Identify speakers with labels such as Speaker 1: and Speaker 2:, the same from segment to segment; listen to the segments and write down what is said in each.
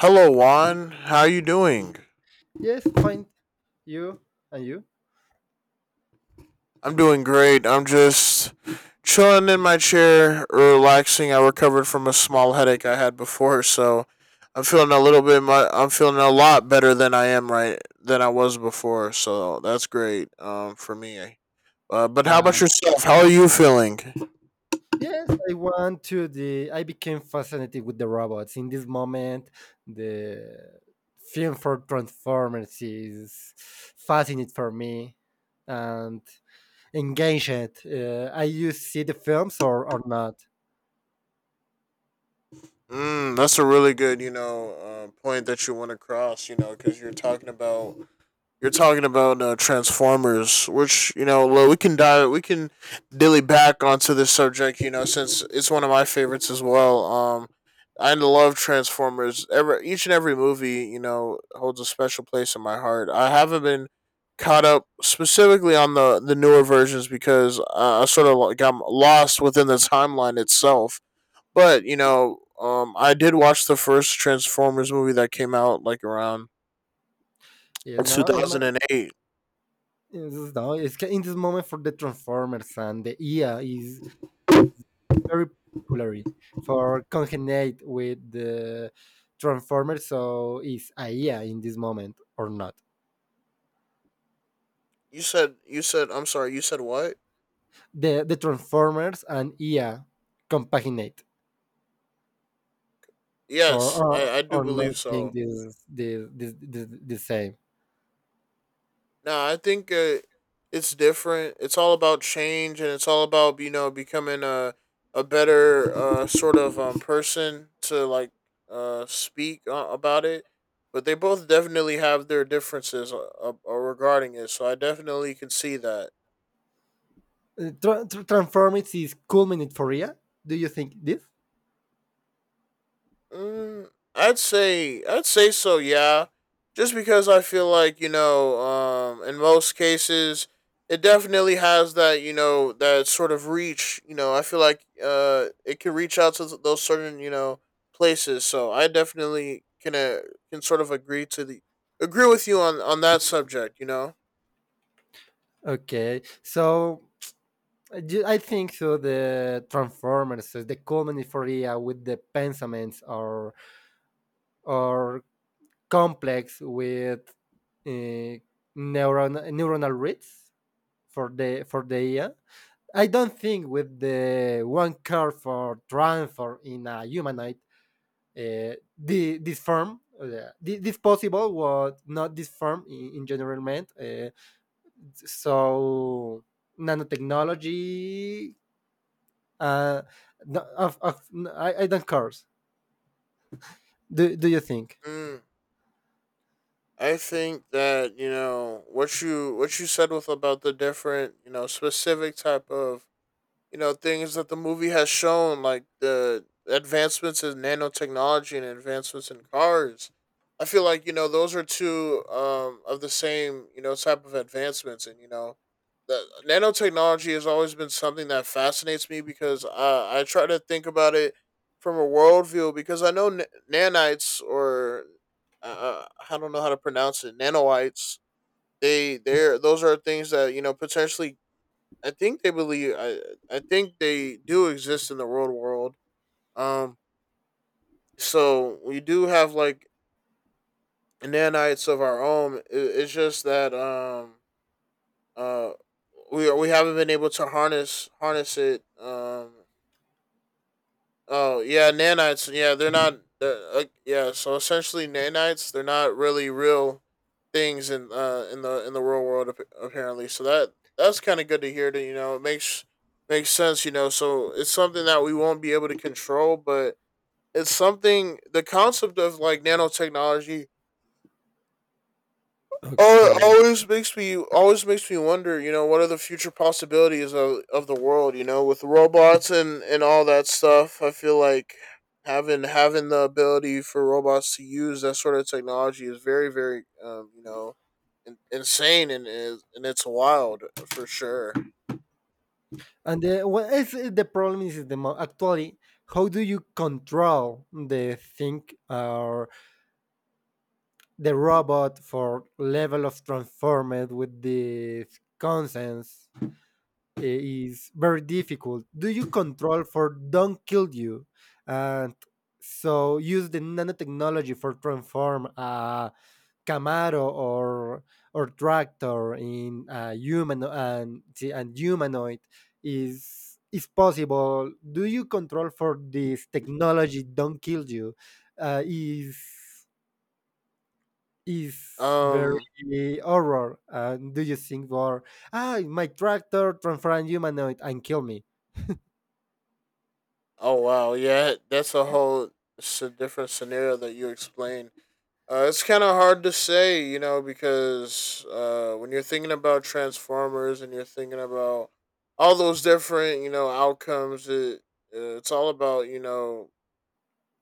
Speaker 1: Hello, Juan. How you doing?
Speaker 2: Yes, fine. You And you?
Speaker 1: I'm doing great. I'm just chilling in my chair, relaxing. I recovered from a small headache I had before, so I'm feeling a little bit. I'm feeling a lot better than I am right than I was before. So that's great. For me. But how
Speaker 2: Uh,
Speaker 1: about yourself? How are you feeling?
Speaker 2: Yes, I want to the. I became fascinated with the robots. In this moment, the film for Transformers is fascinating for me and engaged. I you see the films or not?
Speaker 1: Mm, that's a really good, point that you want to cross. You know, because you're talking about Transformers, which you know, well, we can dilly back onto this subject. You know, since it's one of my favorites as well. I love Transformers. Every each and every movie, you know, holds a special place in my heart. I haven't been caught up specifically on the newer versions because I sort of got lost within the timeline itself, but you know, I did watch the first Transformers movie that came out like around
Speaker 2: You
Speaker 1: two
Speaker 2: know, in, my,
Speaker 1: thousand and eight.
Speaker 2: in, this, no, in this moment for the Transformers and the EA is very popularly for congenate with the Transformers. So is AIA in this moment or not?
Speaker 1: You said, I'm sorry. You said what?
Speaker 2: The Transformers and IA compaginate or
Speaker 1: Yes, I
Speaker 2: or,
Speaker 1: I do
Speaker 2: or
Speaker 1: believe
Speaker 2: not think
Speaker 1: so.
Speaker 2: this the the same.
Speaker 1: Now I think it's different. It's all about change, and it's all about you know becoming a better sort of person to like speak about it. But they both definitely have their differences, regarding it. So I definitely can see that.
Speaker 2: Transformers is culminate for IA. Do you think this?
Speaker 1: Mm, I'd say so. Yeah, just because I feel like you know, in most cases, it definitely has that you know that sort of reach. You know, I feel like it can reach out to those certain you know places. So I definitely can, can sort of agree to the agree with you on that subject. You know.
Speaker 2: Okay, so I think so. The Transformers, so the culminate for IA with the pensaments or complex with uh, neuronal reads for the AI. I don't think with the one curve for transfer in a humanoid, this form this possible was not this form in general meant. So Nanotechnology, uh, no- of, of, I don't curse. Do you think?
Speaker 1: Mm. I think that you know what you said with about the different you know specific type of you know things that the movie has shown, like the advancements in nanotechnology and advancements in cars. I feel like you know those are two, of the same you know type of advancements, and you know the nanotechnology has always been something that fascinates me because I try to think about it from a worldview because I know nanites or I don't know how to pronounce it, nanoites. They those are things that you know potentially I think they believe I I think they do exist in the real world. Um so we do have like nanites of our own. It's just that uh we haven't been able to harness it. Oh yeah, nanites. Yeah, they're not. Yeah, so essentially nanites, they're not really real things in the real world, apparently. So that's kind of good to hear. That you know, it makes sense. You know, so it's something that we won't be able to control, but it's something. The concept of like nanotechnology. Oh, it
Speaker 2: Okay.
Speaker 1: always makes me wonder. You know, what are the future possibilities of the world? You know, with robots and all that stuff. I feel like having the ability for robots to use that sort of technology is very you know insane and is and it's wild for sure.
Speaker 2: What is the problem is the actually, how do you control the thing or the robot for level of transformed with the conscience, is very difficult. Do you control for don't kill you, and so use the nanotechnology for transform a Camaro or tractor in a human and humanoid is possible. Do you control for this technology? Don't kill you. Uh, is is
Speaker 1: Um.
Speaker 2: very horror. Do you think for my tractor transform humanoid and kill me?
Speaker 1: Oh wow. Yeah, that's a whole. It's a different scenario that you explained. It's kind of hard to say, you know, because when you're thinking about Transformers and you're thinking about all those different, you know, outcomes, it's all about you know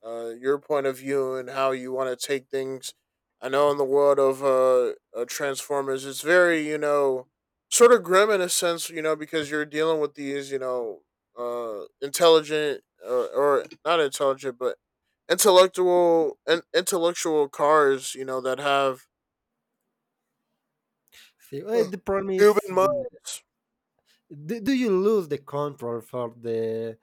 Speaker 1: your point of view and how you want to take things. I know in the world of Transformers, it's very, you know, sort of grim in a sense, you know, because you're dealing with these, you know, intelligent or not intelligent, but intellectual and intellectual cars, you know, that have
Speaker 2: See, the problem is
Speaker 1: human minds.
Speaker 2: do you lose the control for the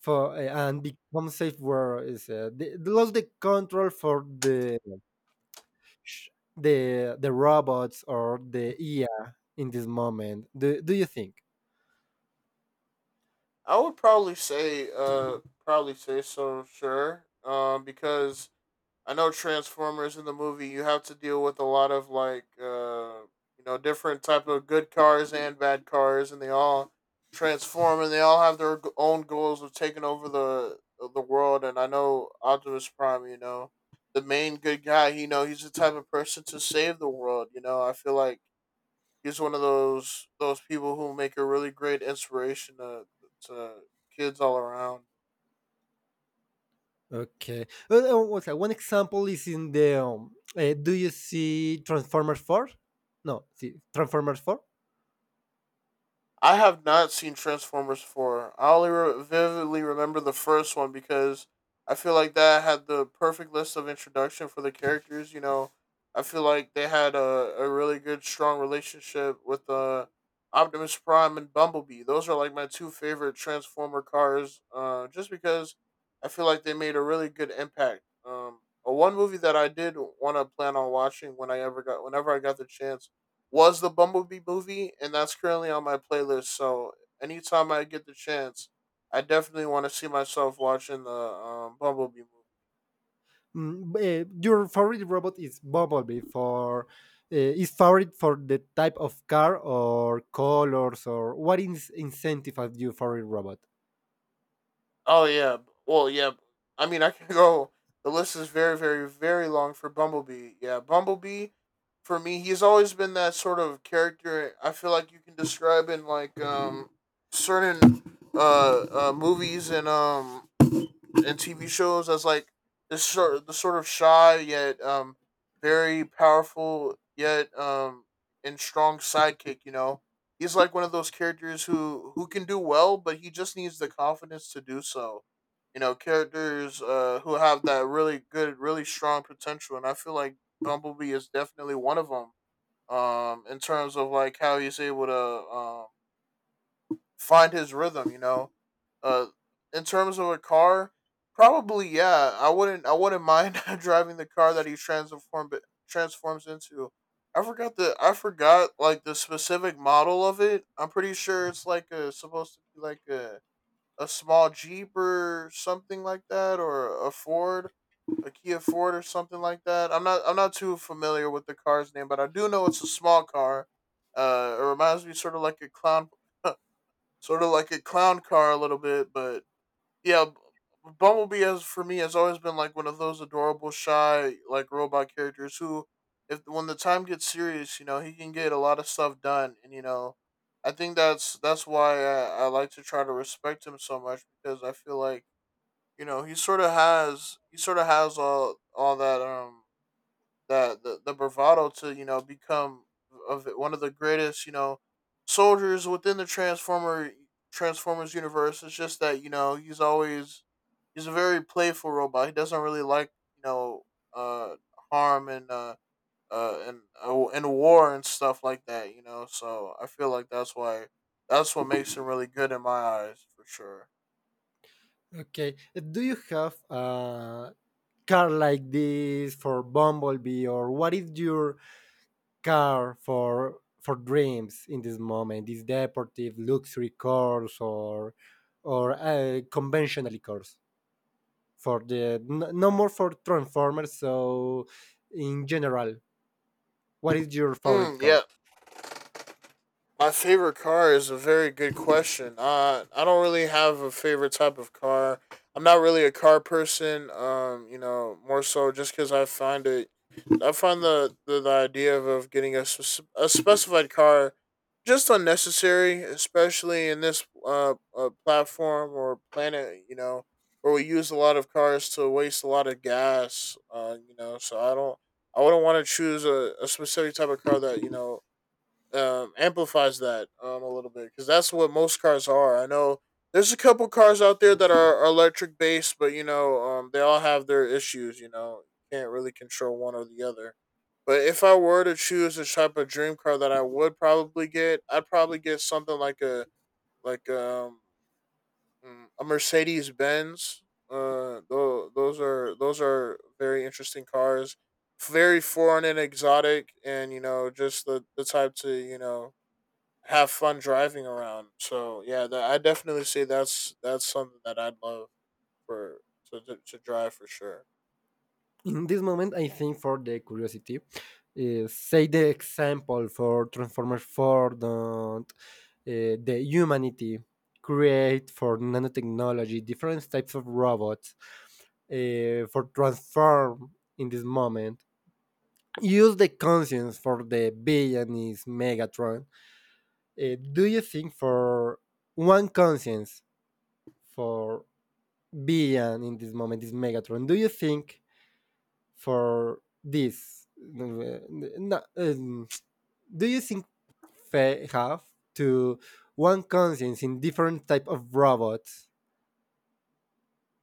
Speaker 2: for and become safe word is lost the control for the sh- the robots or the EA in this moment. Do you think?
Speaker 1: I would probably say so, sure, because I know Transformers in the movie you have to deal with a lot of like you know different type of good cars and bad cars, and they all transform, and they all have their own goals of taking over the world. And I know Optimus Prime, you know, the main good guy, you know he's the type of person to save the world. You know, I feel like he's one of those people who make a really great inspiration to to kids all around.
Speaker 2: Okay. What's that? One example is in the do you see Transformers Four? No, see Transformers Four.
Speaker 1: I have not seen Transformers 4. I only vividly remember the first one because I feel like that had the perfect list of introduction for the characters. You know, I feel like they had a really good, strong relationship with Optimus Prime and Bumblebee. Those are like my two favorite Transformer cars, just because I feel like they made a really good impact. One movie that I did want to plan on watching when whenever I got the chance was the Bumblebee movie, and that's currently on my playlist. So anytime I get the chance, I definitely want to see myself watching the, Bumblebee movie.
Speaker 2: Your favorite robot is Bumblebee for is favorite for the type of car or colors or what is incentivizes you for a robot?
Speaker 1: Oh yeah, well yeah. I mean, I can go. The list is very, very, very long for Bumblebee. Yeah, Bumblebee for me, he's always been that sort of character. I feel like you can describe in like certain movies and in TV shows as like this sort the sort of shy yet very powerful yet and strong sidekick. You know, he's like one of those characters who can do well, but he just needs the confidence to do so. You know, characters who have that really good, really strong potential, and I feel like Bumblebee is definitely one of them. In terms of like how he's able to um find his rhythm. You know, uh, in terms of a car, probably yeah. I wouldn't mind driving the car that he transform transforms into. I forgot like the specific model of it. I'm pretty sure it's like a supposed to be like a small Jeep or something like that, or a Ford, a Kia Ford or something like that. I'm not too familiar with the car's name, but I do know it's a small car. It reminds me sort of like a clown, sort of like a clown car a little bit, but yeah, Bumblebee has for me has always been like one of those adorable, shy, like robot characters who, if when the time gets serious, you know, he can get a lot of stuff done, and you know, I think that's why I like to try to respect him so much because I feel like you know he sort of has all that the bravado to you know become of one of the greatest you know soldiers within the Transformers universe. It's just that you know he's a very playful robot. He doesn't really like you know, uh harm, and and war and stuff like that. You know, so I feel like that's what makes him really good in my eyes for sure.
Speaker 2: Okay, do you have a car like this for Bumblebee, or what is your car for dreams in this moment? Is deportive luxury cars or conventionally cars? No
Speaker 1: Mm,
Speaker 2: more for transformers, so in general, what is your favorite car?
Speaker 1: yeah, my favorite car is a very good question. I don't really have a favorite type of car. I'm not really a car person. You know, more so just because I find the idea of getting a, a specified car just unnecessary, especially in this, platform or planet. You know, where we use a lot of cars to waste a lot of gas. You know, so I don't. I wouldn't want to choose a specific type of car that you know, amplifies that, a little bit because that's what most cars are. I know there's a couple cars out there that are electric based, but you know, they all have their issues. You know, you can't really control one or the other. But if I were to choose a type of dream car that I would probably get, I'd probably get something like like um a Mercedes Benz. Those are very interesting cars, very foreign and exotic, and you know just the type to you know have fun driving around. So yeah, I definitely say that's something that I'd love for to to drive for sure.
Speaker 2: In this moment, I think for the curiosity, say the example for transformers for the humanity create for nanotechnology different types of robots, for transform in this moment use the conscience for the villain is Megatron. Do you think for one conscience for Bian in this moment is Megatron. Do you think for no, do you think they have to one conscience in different type of robots,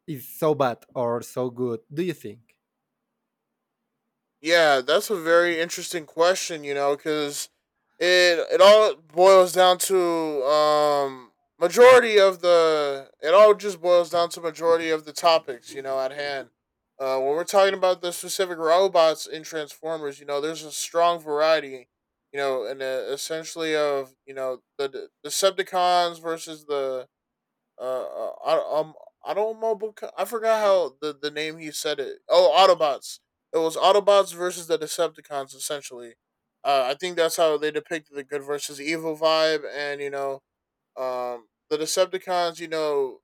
Speaker 2: is so bad or so good? Do you think?
Speaker 1: Yeah, that's a very interesting question, you know, because it all boils down to um majority of the it all just boils down to majority of the topics, you know, at hand. When we're talking about the specific robots in Transformers, you know, there's a strong variety, you know, and essentially of you know the Decepticons versus the I Automobica. I forgot how the name he said it. Oh, Autobots. It was Autobots versus the Decepticons. Essentially, I think that's how they depicted the good versus evil vibe, and you know, the Decepticons. You know,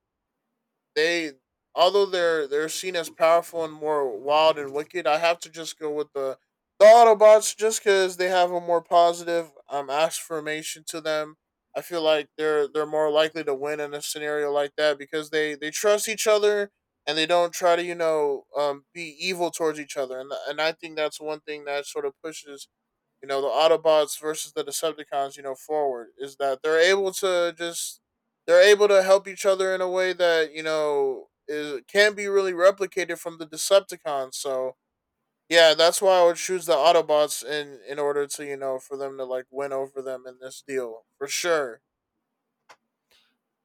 Speaker 1: they although they're seen as powerful and more wild and wicked, I have to just go with the Autobots just because they have a more positive affirmation to them. I feel like they're more likely to win in a scenario like that because they trust each other and they don't try to you know be evil towards each other and I think that's one thing that sort of pushes you know, the Autobots versus the Decepticons, you know, forward is that they're able to just they're able to help each other in a way that, you know, is can be really replicated from the Decepticons. So yeah, that's why I would choose the Autobots in order to, you know, for them to like win over them in this deal. For sure.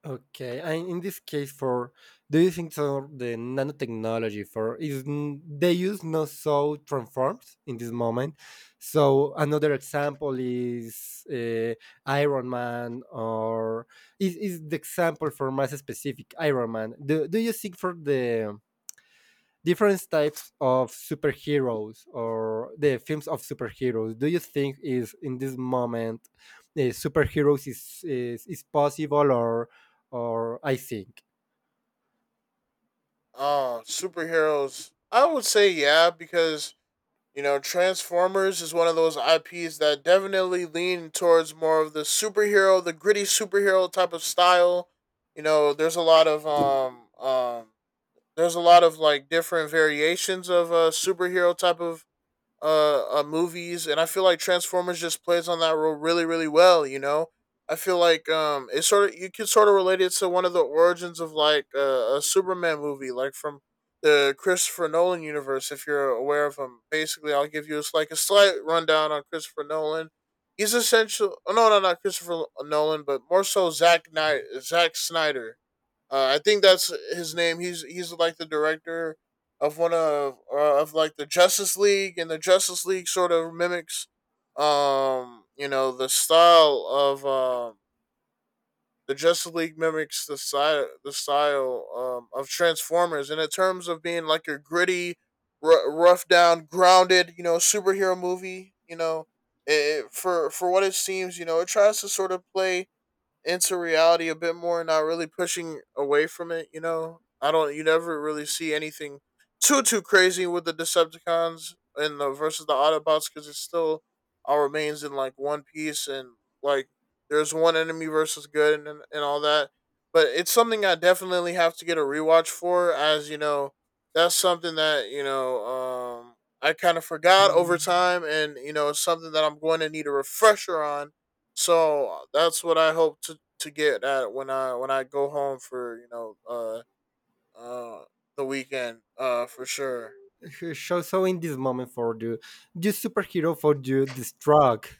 Speaker 2: Okay, and in this case, for do you think so the nanotechnology for is they use not so transforms in this moment? So another example is Iron Man, or is the example for mass specific Iron Man? Do you think for the different types of superheroes or the films of superheroes, do you think is in this moment, superheroes is possible or I think?
Speaker 1: Superheroes, I would say yeah, because you know, Transformers is one of those IPs that definitely lean towards more of the superhero, the gritty superhero type of style. You know, there's a lot of um there's a lot of like different variations of superhero type of movies, and I feel like Transformers just plays on that role really, really well. You know, I feel like it sort of you could sort of relate it to one of the origins of like a Superman movie, like from the Christopher Nolan universe, if you're aware of him. Basically, I'll give you like a slight rundown on Christopher Nolan. He's essential. Oh, No, no, not Christopher Nolan, but more so Zack Knight, Zack Snyder, I think that's his name. He's like the director of one of like the Justice League, and the Justice League sort of mimics, you know, the style of the Justice League mimics the style of Transformers, and in terms of being like a gritty, rough down, grounded, you know, superhero movie, you know, it, for what it seems, you know, it tries to sort of play into reality a bit more, not really pushing away from it. You know, I don't. You never really see anything too crazy with the Decepticons and the versus the Autobots because it still all remains in like one piece and like there's one enemy versus good and all that. But it's something I definitely have to get a rewatch for, as you know, that's something that you know I kind of forgot over time, and you know, it's something that I'm going to need a refresher on, so that's what I hope to get at when I go home for you know uh the weekend for sure.
Speaker 2: So in this moment for you, the superhero for you destruct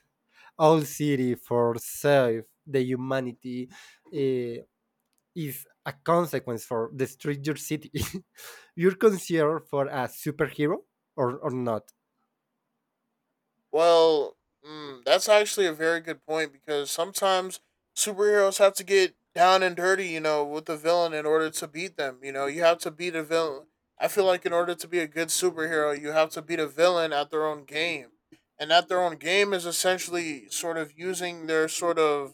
Speaker 2: all city for save the humanity, is a consequence for destroy your city, you're considered for a superhero or not?
Speaker 1: Well, that's actually a very good point because sometimes superheroes have to get down and dirty, you know, with the villain in order to beat them. You know, you have to beat a villain. I feel like in order to be a good superhero, you have to beat a villain at their own game, and at their own game is essentially sort of using their sort of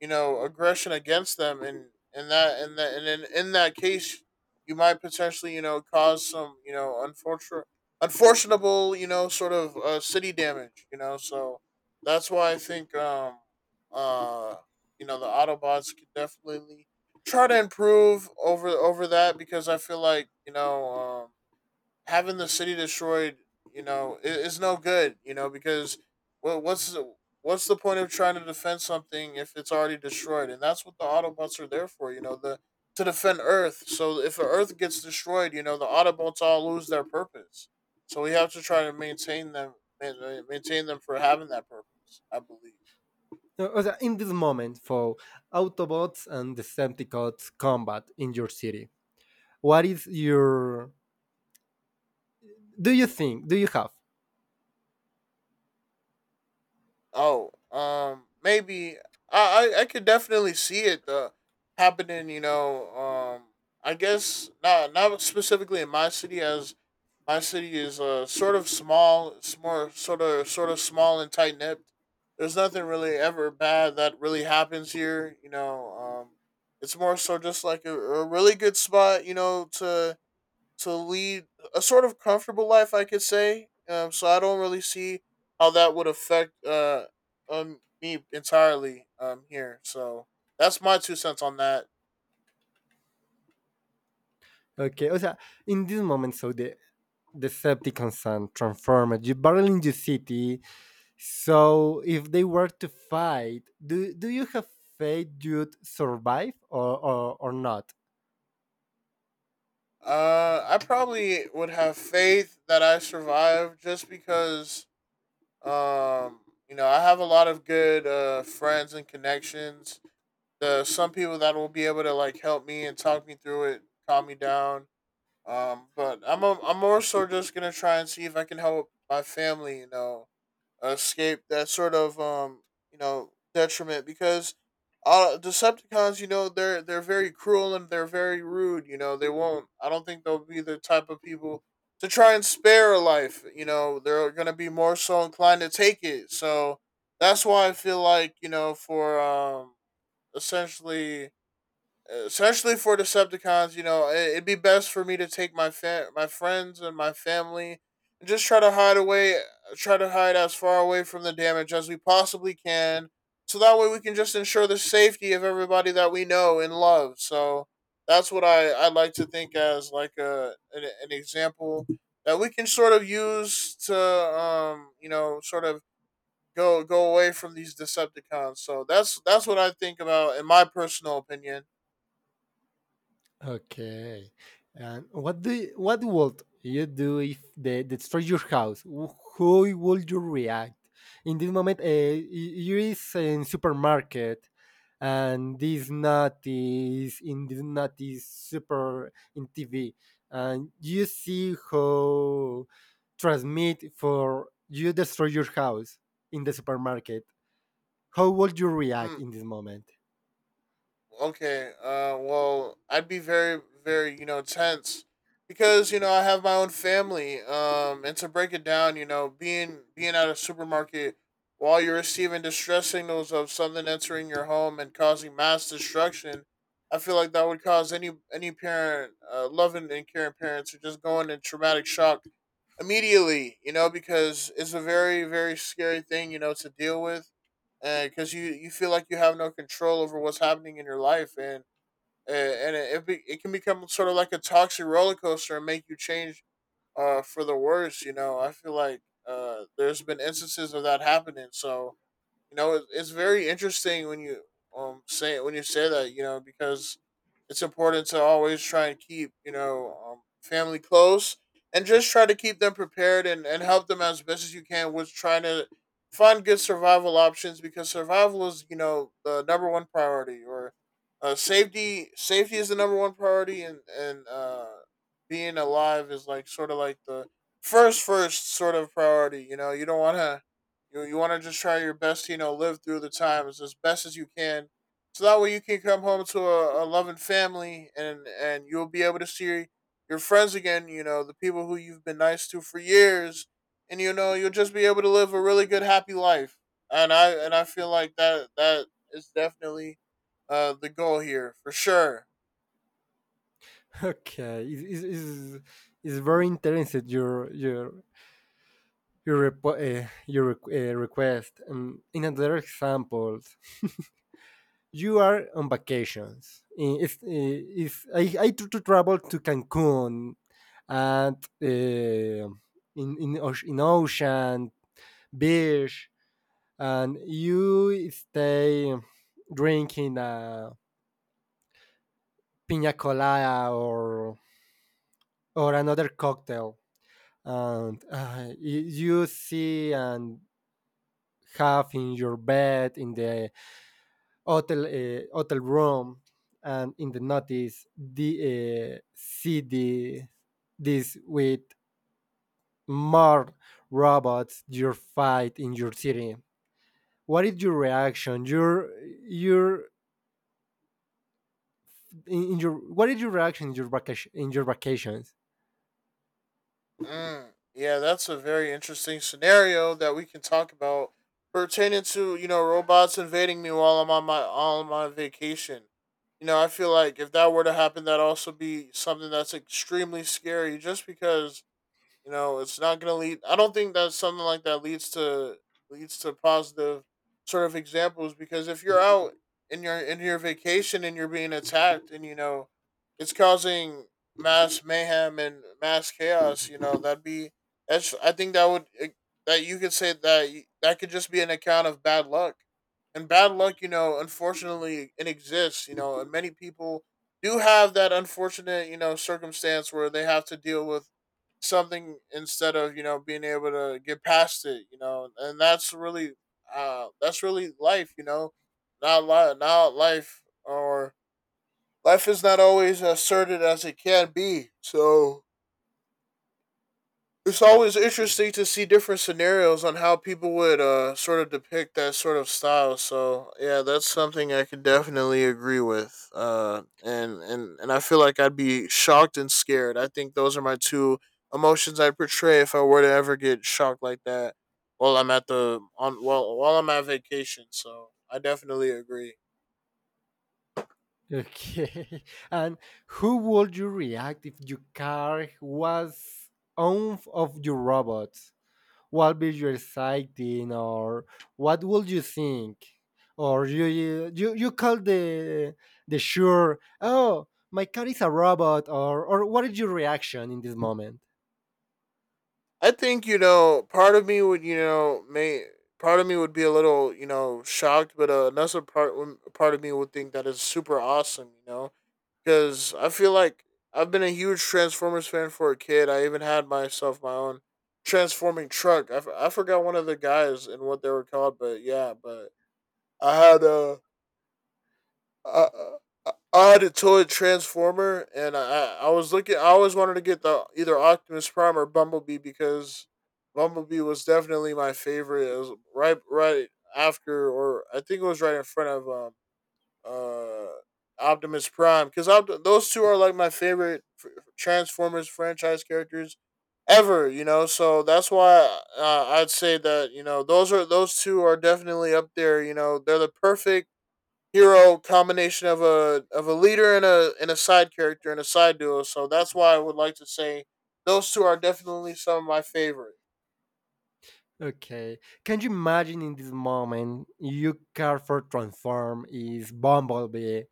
Speaker 1: you know aggression against them and that and that and in that case you might potentially you know cause some you know unfortunate unfortunable you know sort of city damage you know so that's why I think uh you know the autobots can definitely try to improve over that because I feel like you know having the city destroyed, you know, is no good. You know, because well, what's the point of trying to defend something if it's already destroyed? And that's what the Autobots are there for. You know, the to defend Earth. So if Earth gets destroyed, you know, the Autobots all lose their purpose. So we have to try to maintain them for having that purpose. I believe.
Speaker 2: So, in this moment, for Autobots and Decepticons combat in your city, what is your? Do you think? Do you have?
Speaker 1: Oh, maybe I could definitely see it happening. You know, I guess not specifically in my city, as my city is sort of small, it's more sort of small and tight knit. There's nothing really ever bad that really happens here. You know, um, it's more so just like a really good spot. You know to lead a sort of comfortable life, I could say. So I don't really see how that would affect me entirely here. So that's my 2 cents on that.
Speaker 2: Okay, o sea, in this moment, so the Decepticons and Transformers, you barrel in your city. So if they were to fight, do you have faith you'd survive or not?
Speaker 1: I probably would have faith that I survive just because um you know I have a lot of good friends and connections. The some people that will be able to like help me and talk me through it, calm me down. But I'm more so just gonna try and see if I can help my family, you know, escape that sort of you know, detriment because Decepticons, you know, they're very cruel and they're very rude, you know. They won't I don't think they'll be the type of people to try and spare a life, you know. They're gonna be more so inclined to take it. So that's why I feel like, you know, for essentially especially for Decepticons, you know, it, it'd be best for me to take my my friends and my family and just try to hide away, try to hide as far away from the damage as we possibly can. So that way we can just ensure the safety of everybody that we know and love. So that's what I like to think as like an example that we can sort of use to you know sort of go away from these Decepticons. So that's what I think about in my personal opinion.
Speaker 2: Okay. And what would you do if they destroy your house? How would you react? In this moment, you is in supermarket, and this nut is in this nut is super in TV, and you see how transmit for you destroy your house in the supermarket. How would you react
Speaker 1: Mm.
Speaker 2: in this moment?
Speaker 1: Okay. Well, I'd be very, very, you know, tense because you know I have my own family. And to break it down, you know, being at a supermarket while you're receiving distress signals of something entering your home and causing mass destruction, I feel like that would cause any parent, loving and caring parents, to just go into traumatic shock immediately. You know, because it's a very, very scary thing. You know, to deal with and because you feel like you have no control over what's happening in your life, and it can become sort of like a toxic roller coaster and make you change for the worse. You know, I feel like there's been instances of that happening, so you know, it's very interesting when you say when you say that. You know, because it's important to always try and keep you know family close and just try to keep them prepared and help them as best as you can with trying to find good survival options because survival is you know the number one priority or safety, safety is the number one priority and being alive is like sort of like the first sort of priority. You know you don't want to you you want to just try your best, to, you know, live through the times as best as you can, so that way you can come home to a loving family and you'll be able to see your friends again. You know, the people who you've been nice to for years, and you know you'll just be able to live a really good, happy life. And I feel like that that is definitely the goal here for sure.
Speaker 2: Okay, is very interesting your request. And in another example, you are on vacations. If to travel to Cancun, and uh, in ocean beach, and you stay drinking a pina colada or another cocktail, and you see and have in your bed in the hotel, hotel room, and in the notice the see the this with more robots you fight in your city, what is your reaction your your in your, what is your reaction in your vacations?
Speaker 1: Mm, yeah, that's a very interesting scenario that we can talk about pertaining to you know robots invading me while I'm on my all on my vacation. You know, I feel like if that were to happen, that also be something that's extremely scary, just because you know, it's not going to lead. I don't think that something like that leads to leads to positive sort of examples because if you're out in your vacation and you're being attacked and you know it's causing mass mayhem and mass chaos, you know that'd be that's. I think that would that you could say that that could just be an account of bad luck and bad luck, you know, unfortunately, it exists. You know, and many people do have that unfortunate, circumstance where they have to deal with something instead of being able to get past it, and that's really life. Not life or life is not always as certain as it can be, so it's always interesting to see different scenarios on how people would sort of depict that sort of style. So yeah, that's something I can definitely agree with. And I feel like I'd be shocked and scared. I think those are my two emotions I'd portray if I were to ever get shocked like that while I'm at the on while I'm at vacation. So I definitely agree.
Speaker 2: Okay. And who would you react if your car was owned of your robot? What will you exciting, or what would you think, or you call the sure, oh my car is a robot, or what is your reaction in this moment?
Speaker 1: I think part of me would may part of me would be a little shocked, but another part part of me would think that is super awesome. You know, because I feel like I've been a huge Transformers fan for a kid. I even had myself my own transforming truck. I forgot one of the guys and what they were called, but yeah, but I had a. uh, toy transformer, and I was looking. I always wanted to get the either Optimus Prime or Bumblebee, because Bumblebee was definitely my favorite. It was right after, or I think it was right in front of uh Optimus Prime, because those two are like my favorite Transformers franchise characters ever, so that's why I'd say that those are those two are definitely up there. They're the perfect hero combination of a leader and a side character and a side duo. So that's why I would like to say those two are definitely some of my favorite.
Speaker 2: Okay. Can you imagine in this moment you Carrefour transform is Bumblebee?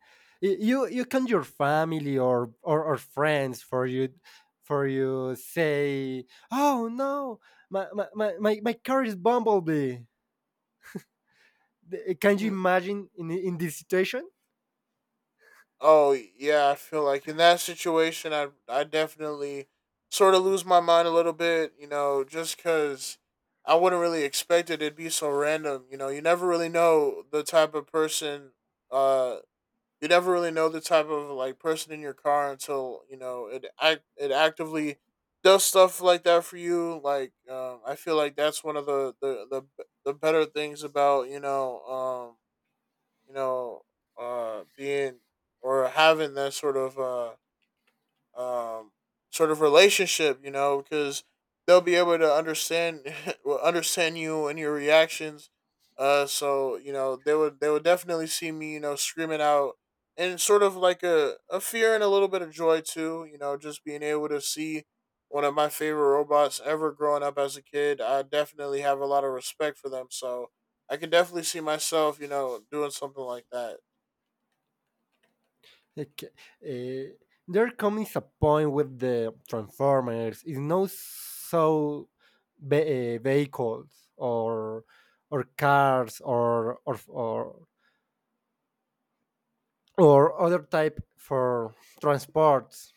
Speaker 2: You can your family or friends for you say, oh no, my car is Bumblebee. Can you
Speaker 1: Hmm.
Speaker 2: imagine in this situation?
Speaker 1: Oh yeah, I feel like in that situation, I definitely sort of lose my mind a little bit. You know, just because I wouldn't really expect it. It'd be so random. You know, you never really know the type of person. Uh, you never really know the type of like person in your car until it act it actively does stuff like that for you. Like I feel like that's one of the better things about you know being or having that um, sort of relationship, you know, because they'll be able to understand understand you and your reactions. So you know they would definitely see me, you know, screaming out and sort of like a fear and a little bit of joy too. You know, just being able to see one of my favorite robots ever growing up as a kid. I definitely have a lot of respect for them. So I can definitely see myself, you know, doing something like that.
Speaker 2: Okay. eh, there comes a point with the Transformers. It's not so vehicles or cars or other type for transports.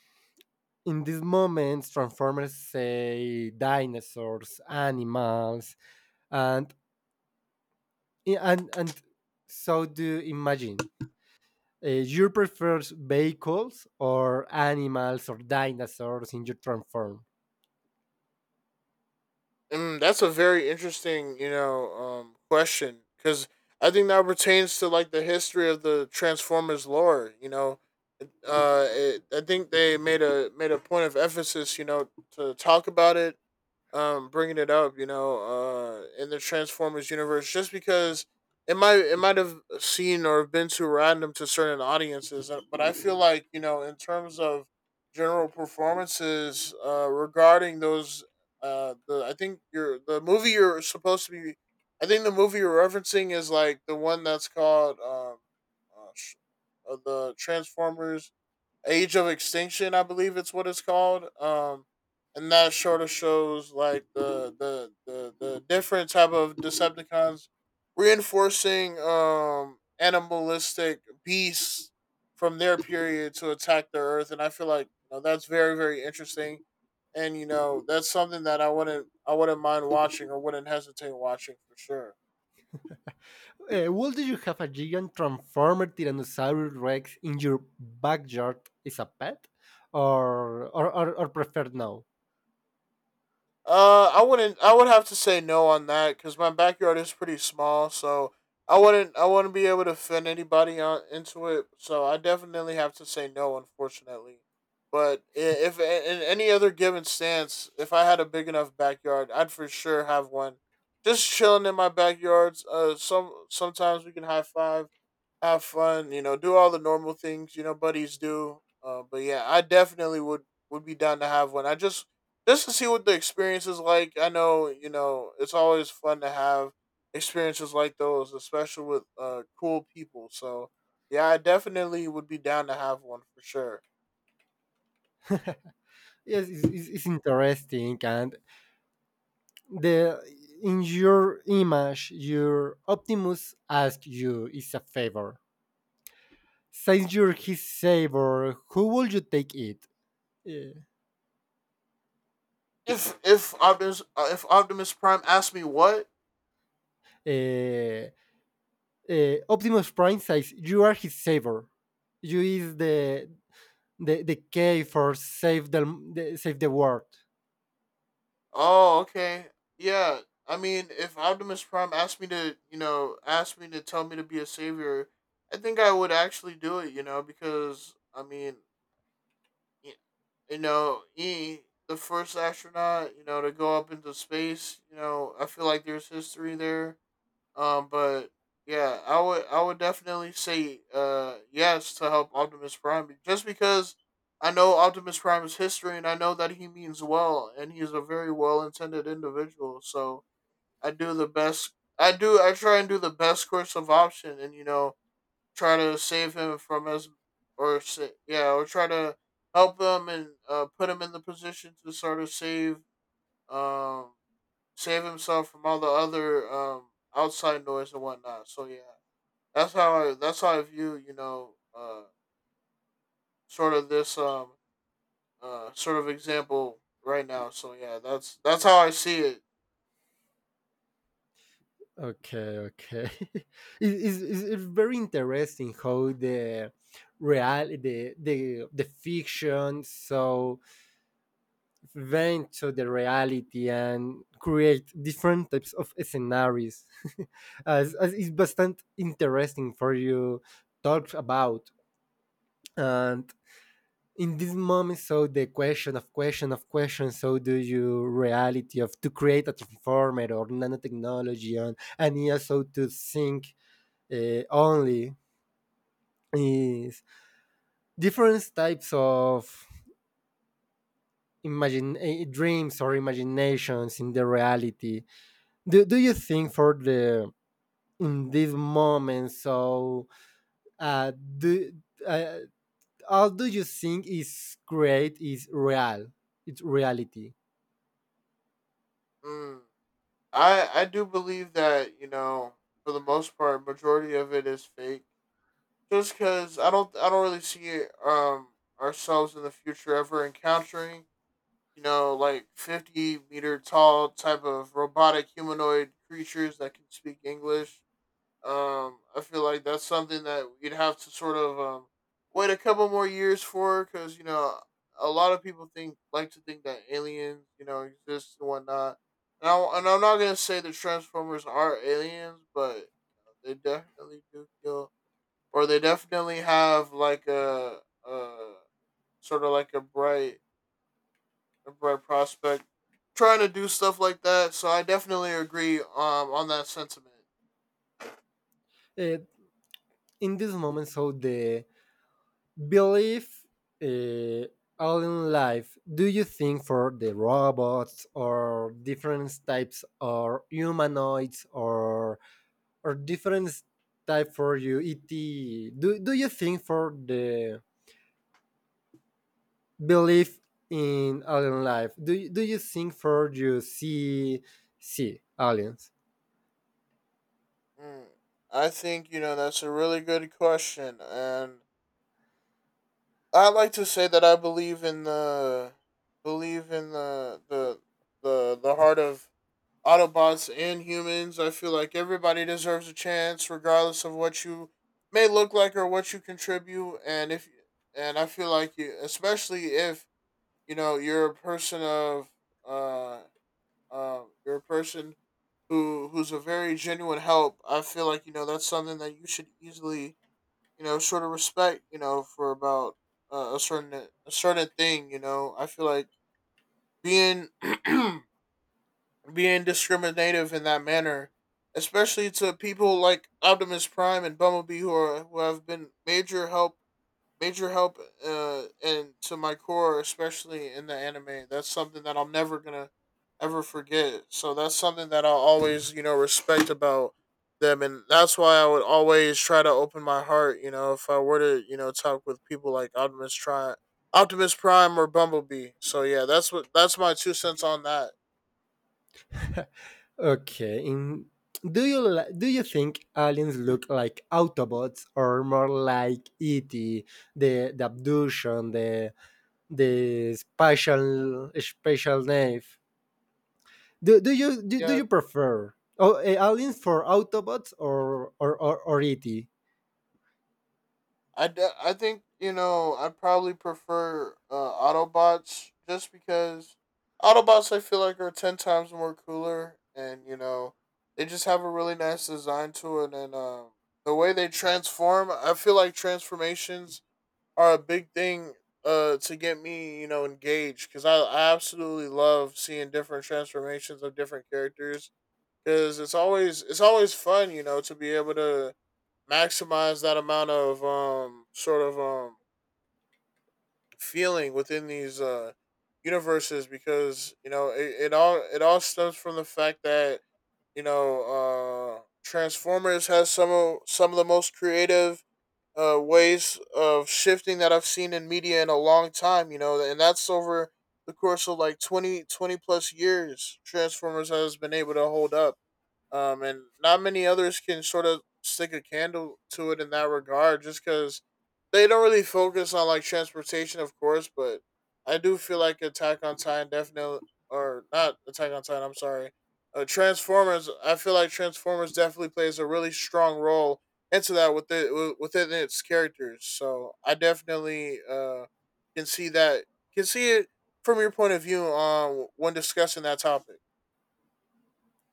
Speaker 2: In these moments, Transformers say dinosaurs, animals, and and so do imagine. You prefer vehicles or animals or dinosaurs in your transform?
Speaker 1: And that's a very interesting, you know, question, because I think that pertains to like the history of the Transformers lore. I think they made a point of emphasis, you know, to talk about it, bringing it up, in the Transformers universe, just because it might have seen or been too random to certain audiences. But I feel like you know in terms of general performances regarding those the I think you're the movie you're supposed to be I think the movie you're referencing is like the one that's called uh, sh- the Transformers Age of Extinction, I believe it's what it's called. And that sort of shows like the different type of Decepticons reinforcing animalistic beasts from their period to attack the Earth, and I feel like you know that's very interesting, and you know that's something that I wouldn't mind watching or wouldn't hesitate watching for sure.
Speaker 2: Would you have a giant transformer Tyrannosaurus Rex in your backyard as a pet, or prefer no?
Speaker 1: I wouldn't. I would have to say no on that, because my backyard is pretty small, so I wouldn't be able to fit anybody on into it. So I definitely have to say no, unfortunately. But if in any other given stance, if I had a big enough backyard, I'd for sure have one. Just chilling in my backyards. Some sometimes we can high five, have fun, you know, do all the normal things, you know, buddies do. But yeah, I definitely would be down to have one. I Just to see what the experience is like. I know, you know, it's always fun to have experiences like those, especially with cool people. So yeah, I definitely would be down to have one for sure.
Speaker 2: Yes, it's interesting, and the in your image, your Optimus asks you is a favor. Since you're his savior, who would you take it? Uh,
Speaker 1: If Optimus Prime asked me what.
Speaker 2: uh, Optimus Prime says you are his savior. You is the K for save the save the world.
Speaker 1: Oh, okay. Yeah. I mean, if Optimus Prime asked me to, you know, asked me to tell me to be a savior, I think I would actually do it, you know, because, I mean, y- you know, he, the first astronaut, you know, to go up into space, you know, I feel like there's history there. But yeah, I would definitely say yes to help Optimus Prime, just because I know Optimus Prime's history, and I know that he means well and he's a very well intended individual. So I do I try and do the best course of option, and you know try to save him from yeah, or try to help him and put him in the position to sort of save um save himself from all the other outside noise and whatnot. So yeah, that's how I view you know sort of this sort of example right now. So yeah, that's how I see it.
Speaker 2: Okay, okay. it, it's very interesting how the real, the fiction so went to the reality and create different types of scenarios, as it's bastante interesting for you talk about. And in this moment, so the question of question of question, so do you reality of to create a transformer or nanotechnology, and also to think, only is different types of imagine, dreams or imaginations in the reality. Do you think for the in this moment, so uh do uh, how do you think is create is real, it's reality?
Speaker 1: Mm. I do believe that you know for the most part, majority of it is fake. Just because I don't really see ourselves in the future ever encountering, you know, like 50-meter meter tall type of robotic humanoid creatures that can speak English. I feel like that's something that you'd have to sort of wait a couple more years for, because, you know, a lot of people think like to think that aliens, you know, exist and whatnot. And I'm not going to say the Transformers are aliens, but you know, they definitely do feel, or they definitely have like a sort of like a bright prospect, trying to do stuff like that. So I definitely agree, on that sentiment.
Speaker 2: uh, in this moment, so the belief, uh, all in life, do you think for the robots or different types or humanoids or different type for you ET? Do you think for the belief in alien life? Do you think for you see aliens?
Speaker 1: Mm. I think you know that's a really good question, and I like to say that I believe in the believe in the the the heart of Autobots and humans. I feel like everybody deserves a chance, regardless of what you may look like or what you contribute. And if and I feel like you, especially if you know you're a person of uh you're a person who's a very genuine help. I feel like you know that's something that you should easily you know sort of respect. You know, for about a certain thing. You know I feel like being being discriminative in that manner, especially to people like Optimus Prime and Bumblebee, who are who have been major help and to my core, especially in the anime. That's something that I'm never gonna ever forget, so that's something that I'll always you know respect about them, and that's why I would always try to open my heart, you know, if I were to you know talk with people like Optimus Prime or Bumblebee. So yeah, that's what that's my two cents on that.
Speaker 2: Okay. Do you think aliens look like Autobots or more like ET, the abduction, the spatial knife? Do
Speaker 1: Yeah.
Speaker 2: you prefer oh, aliens for Autobots or ET?
Speaker 1: I think you know I probably prefer Autobots, just because Autobots I feel like are ten times more cooler, and you know they just have a really nice design to it, and the way they transform, I feel like transformations are a big thing to get me you know engaged, because I absolutely love seeing different transformations of different characters, because it's always fun you know to be able to maximize that amount of feeling within these universes, because you know it all stems from the fact that you know Transformers has some of the most creative ways of shifting that I've seen in media in a long time, you know, and that's over the course of like 20 20 plus years Transformers has been able to hold up, and not many others can sort of stick a candle to it in that regard, just because they don't really focus on like transportation, of course. But I do feel like Attack on Titan definitely, or not Attack on Titan. I'm sorry, Transformers. I feel like Transformers definitely plays a really strong role into that with it within its characters. So I definitely can see that can see it from your point of view on when discussing that topic.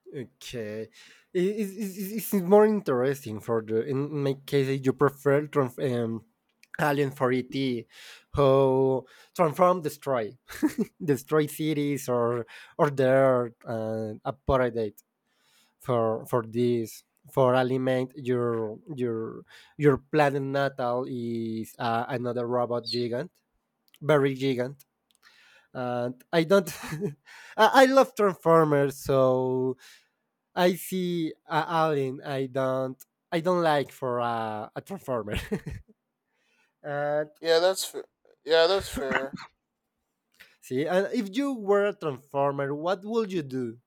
Speaker 2: Okay, is it more interesting for the in my case you prefer Alien for ET, who transform destroy, destroy cities or their appetite for this for aliment your planet natal is another robot gigant, very gigant, and I don't. I love transformers, so I see a alien, I don't like for a transformer, and
Speaker 1: Yeah, that's fair. Yeah, that's fair.
Speaker 2: see, and if you were a transformer, what would you do?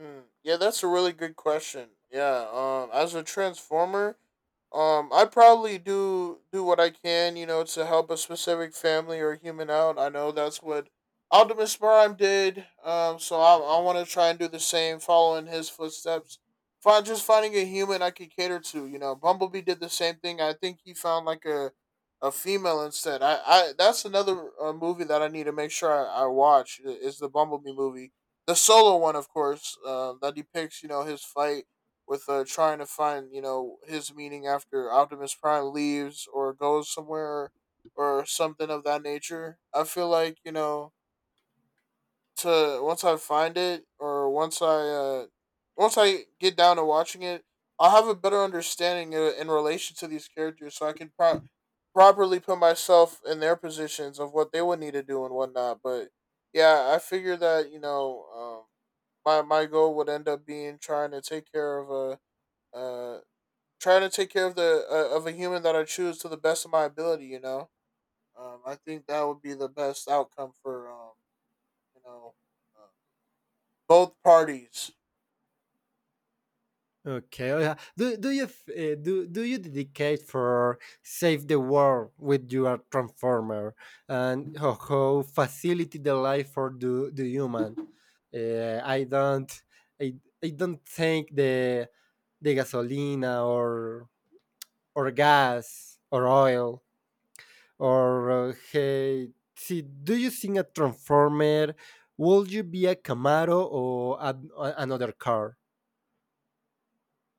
Speaker 1: Mm, yeah, that's a really good question. Yeah, as a transformer, I probably do what I can, you know, to help a specific family or human out. I know that's what Optimus Prime did. So I want to try and do the same, following his footsteps. Find just finding a human I could cater to. You know, Bumblebee did the same thing. I think he found like a female instead. I, that's another movie that I need to make sure I watch is the Bumblebee movie, the solo one, of course, that depicts, you know, his fight with, trying to find, you know, his meaning after Optimus Prime leaves or goes somewhere or something of that nature. I feel like, you know, to once I find it or once I get down to watching it, I'll have a better understanding in relation to these characters, so I can properly put myself in their positions of what they would need to do and whatnot. But yeah, I figure that, you know, my goal would end up being trying to take care of a. Try to take care of the of a human that I choose to the best of my ability. You know, I think that would be the best outcome for you know uh, both parties.
Speaker 2: Okay. Oh, yeah. Do you dedicate for save the world with your transformer, and how facility the life for the human? Uh, I don't I, I don't think the gasolina or gas or oil or hey see, do you think a transformer, would you be a Camaro or another car?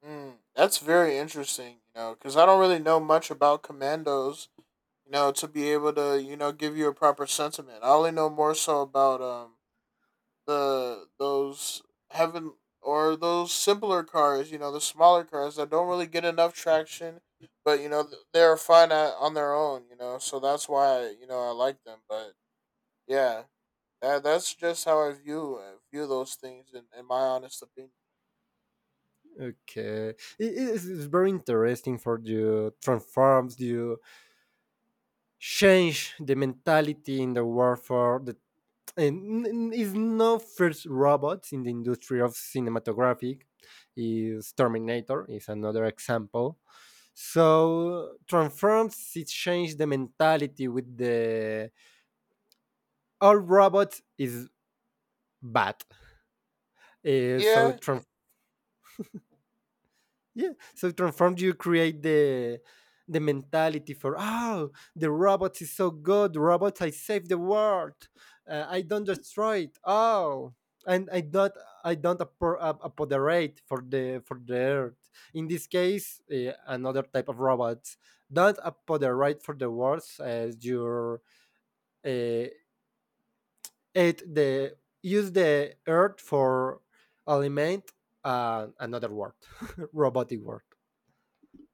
Speaker 1: Mm, that's very interesting. You know, because I don't really know much about commandos. You know, to be able to, you know, give you a proper sentiment. I only know more so about the those heaven or those simpler cars, you know, the smaller cars that don't really get enough traction, but you know they're fine on their own, you know. So that's why, you know, I like them. But yeah, that's just how I view those things, in my honest opinion.
Speaker 2: Okay, it is very interesting for you transforms, you change the mentality in the world for is no first robots in the industry of cinematographic, is Terminator is another example. So transforms it changed the mentality with the all robots is bad. Uh, so
Speaker 1: Yeah, yeah,
Speaker 2: Yeah. So transform, you create the mentality for, oh, the robots is so good robots, I save the world, I don't destroy it, oh, and I don't apo- ap- apoderate for the earth in this case, another type of robots don't apoderate for the world as your, uh, it the use the earth for aliment, another word, robotic word.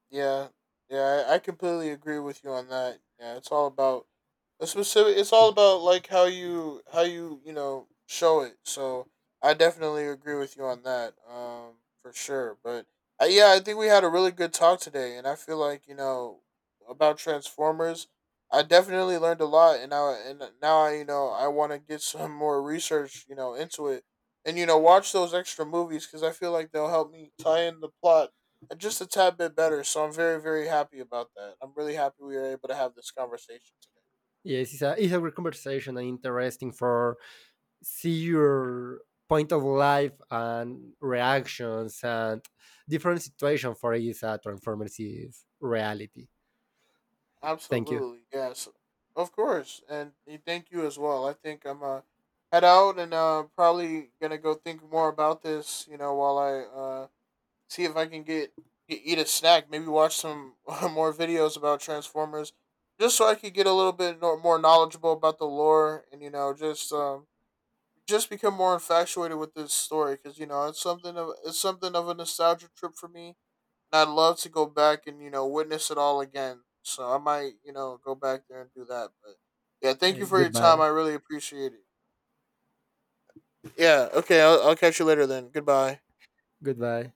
Speaker 1: Yeah, yeah, I I completely agree with you on that. Yeah, it's all about a specific. It's all about like how you you know show it. So I definitely agree with you on that. For sure. But yeah, I think we had a really good talk today, and I feel like you know about Transformers. I definitely learned a lot, and now I, you know, I want to get some more research, you know, into it, and you know watch those extra movies because I feel like they'll help me tie in the plot just a tad bit better. So I'm very, very happy about that. I'm really happy we were able to have this conversation today.
Speaker 2: Yes, it's a great conversation and interesting for see your point of life and reactions and different situation for each transformers reality. Thank you.
Speaker 1: Absolutely, yes, of course, and thank you as well. I think I'm head out and probably gonna go think more about this. You know, while I uh see if I can get eat a snack, maybe watch some more videos about Transformers, just so I could get a little bit more knowledgeable about the lore and you know just become more infatuated with this story because you know it's something of a nostalgia trip for me, and I'd love to go back and, you know, witness it all again. So I might, you know, go back there and do that. But yeah, thank you for your time.
Speaker 2: Goodbye.
Speaker 1: I really appreciate it. Yeah. Okay. I'll catch you later then. Goodbye.
Speaker 2: Goodbye.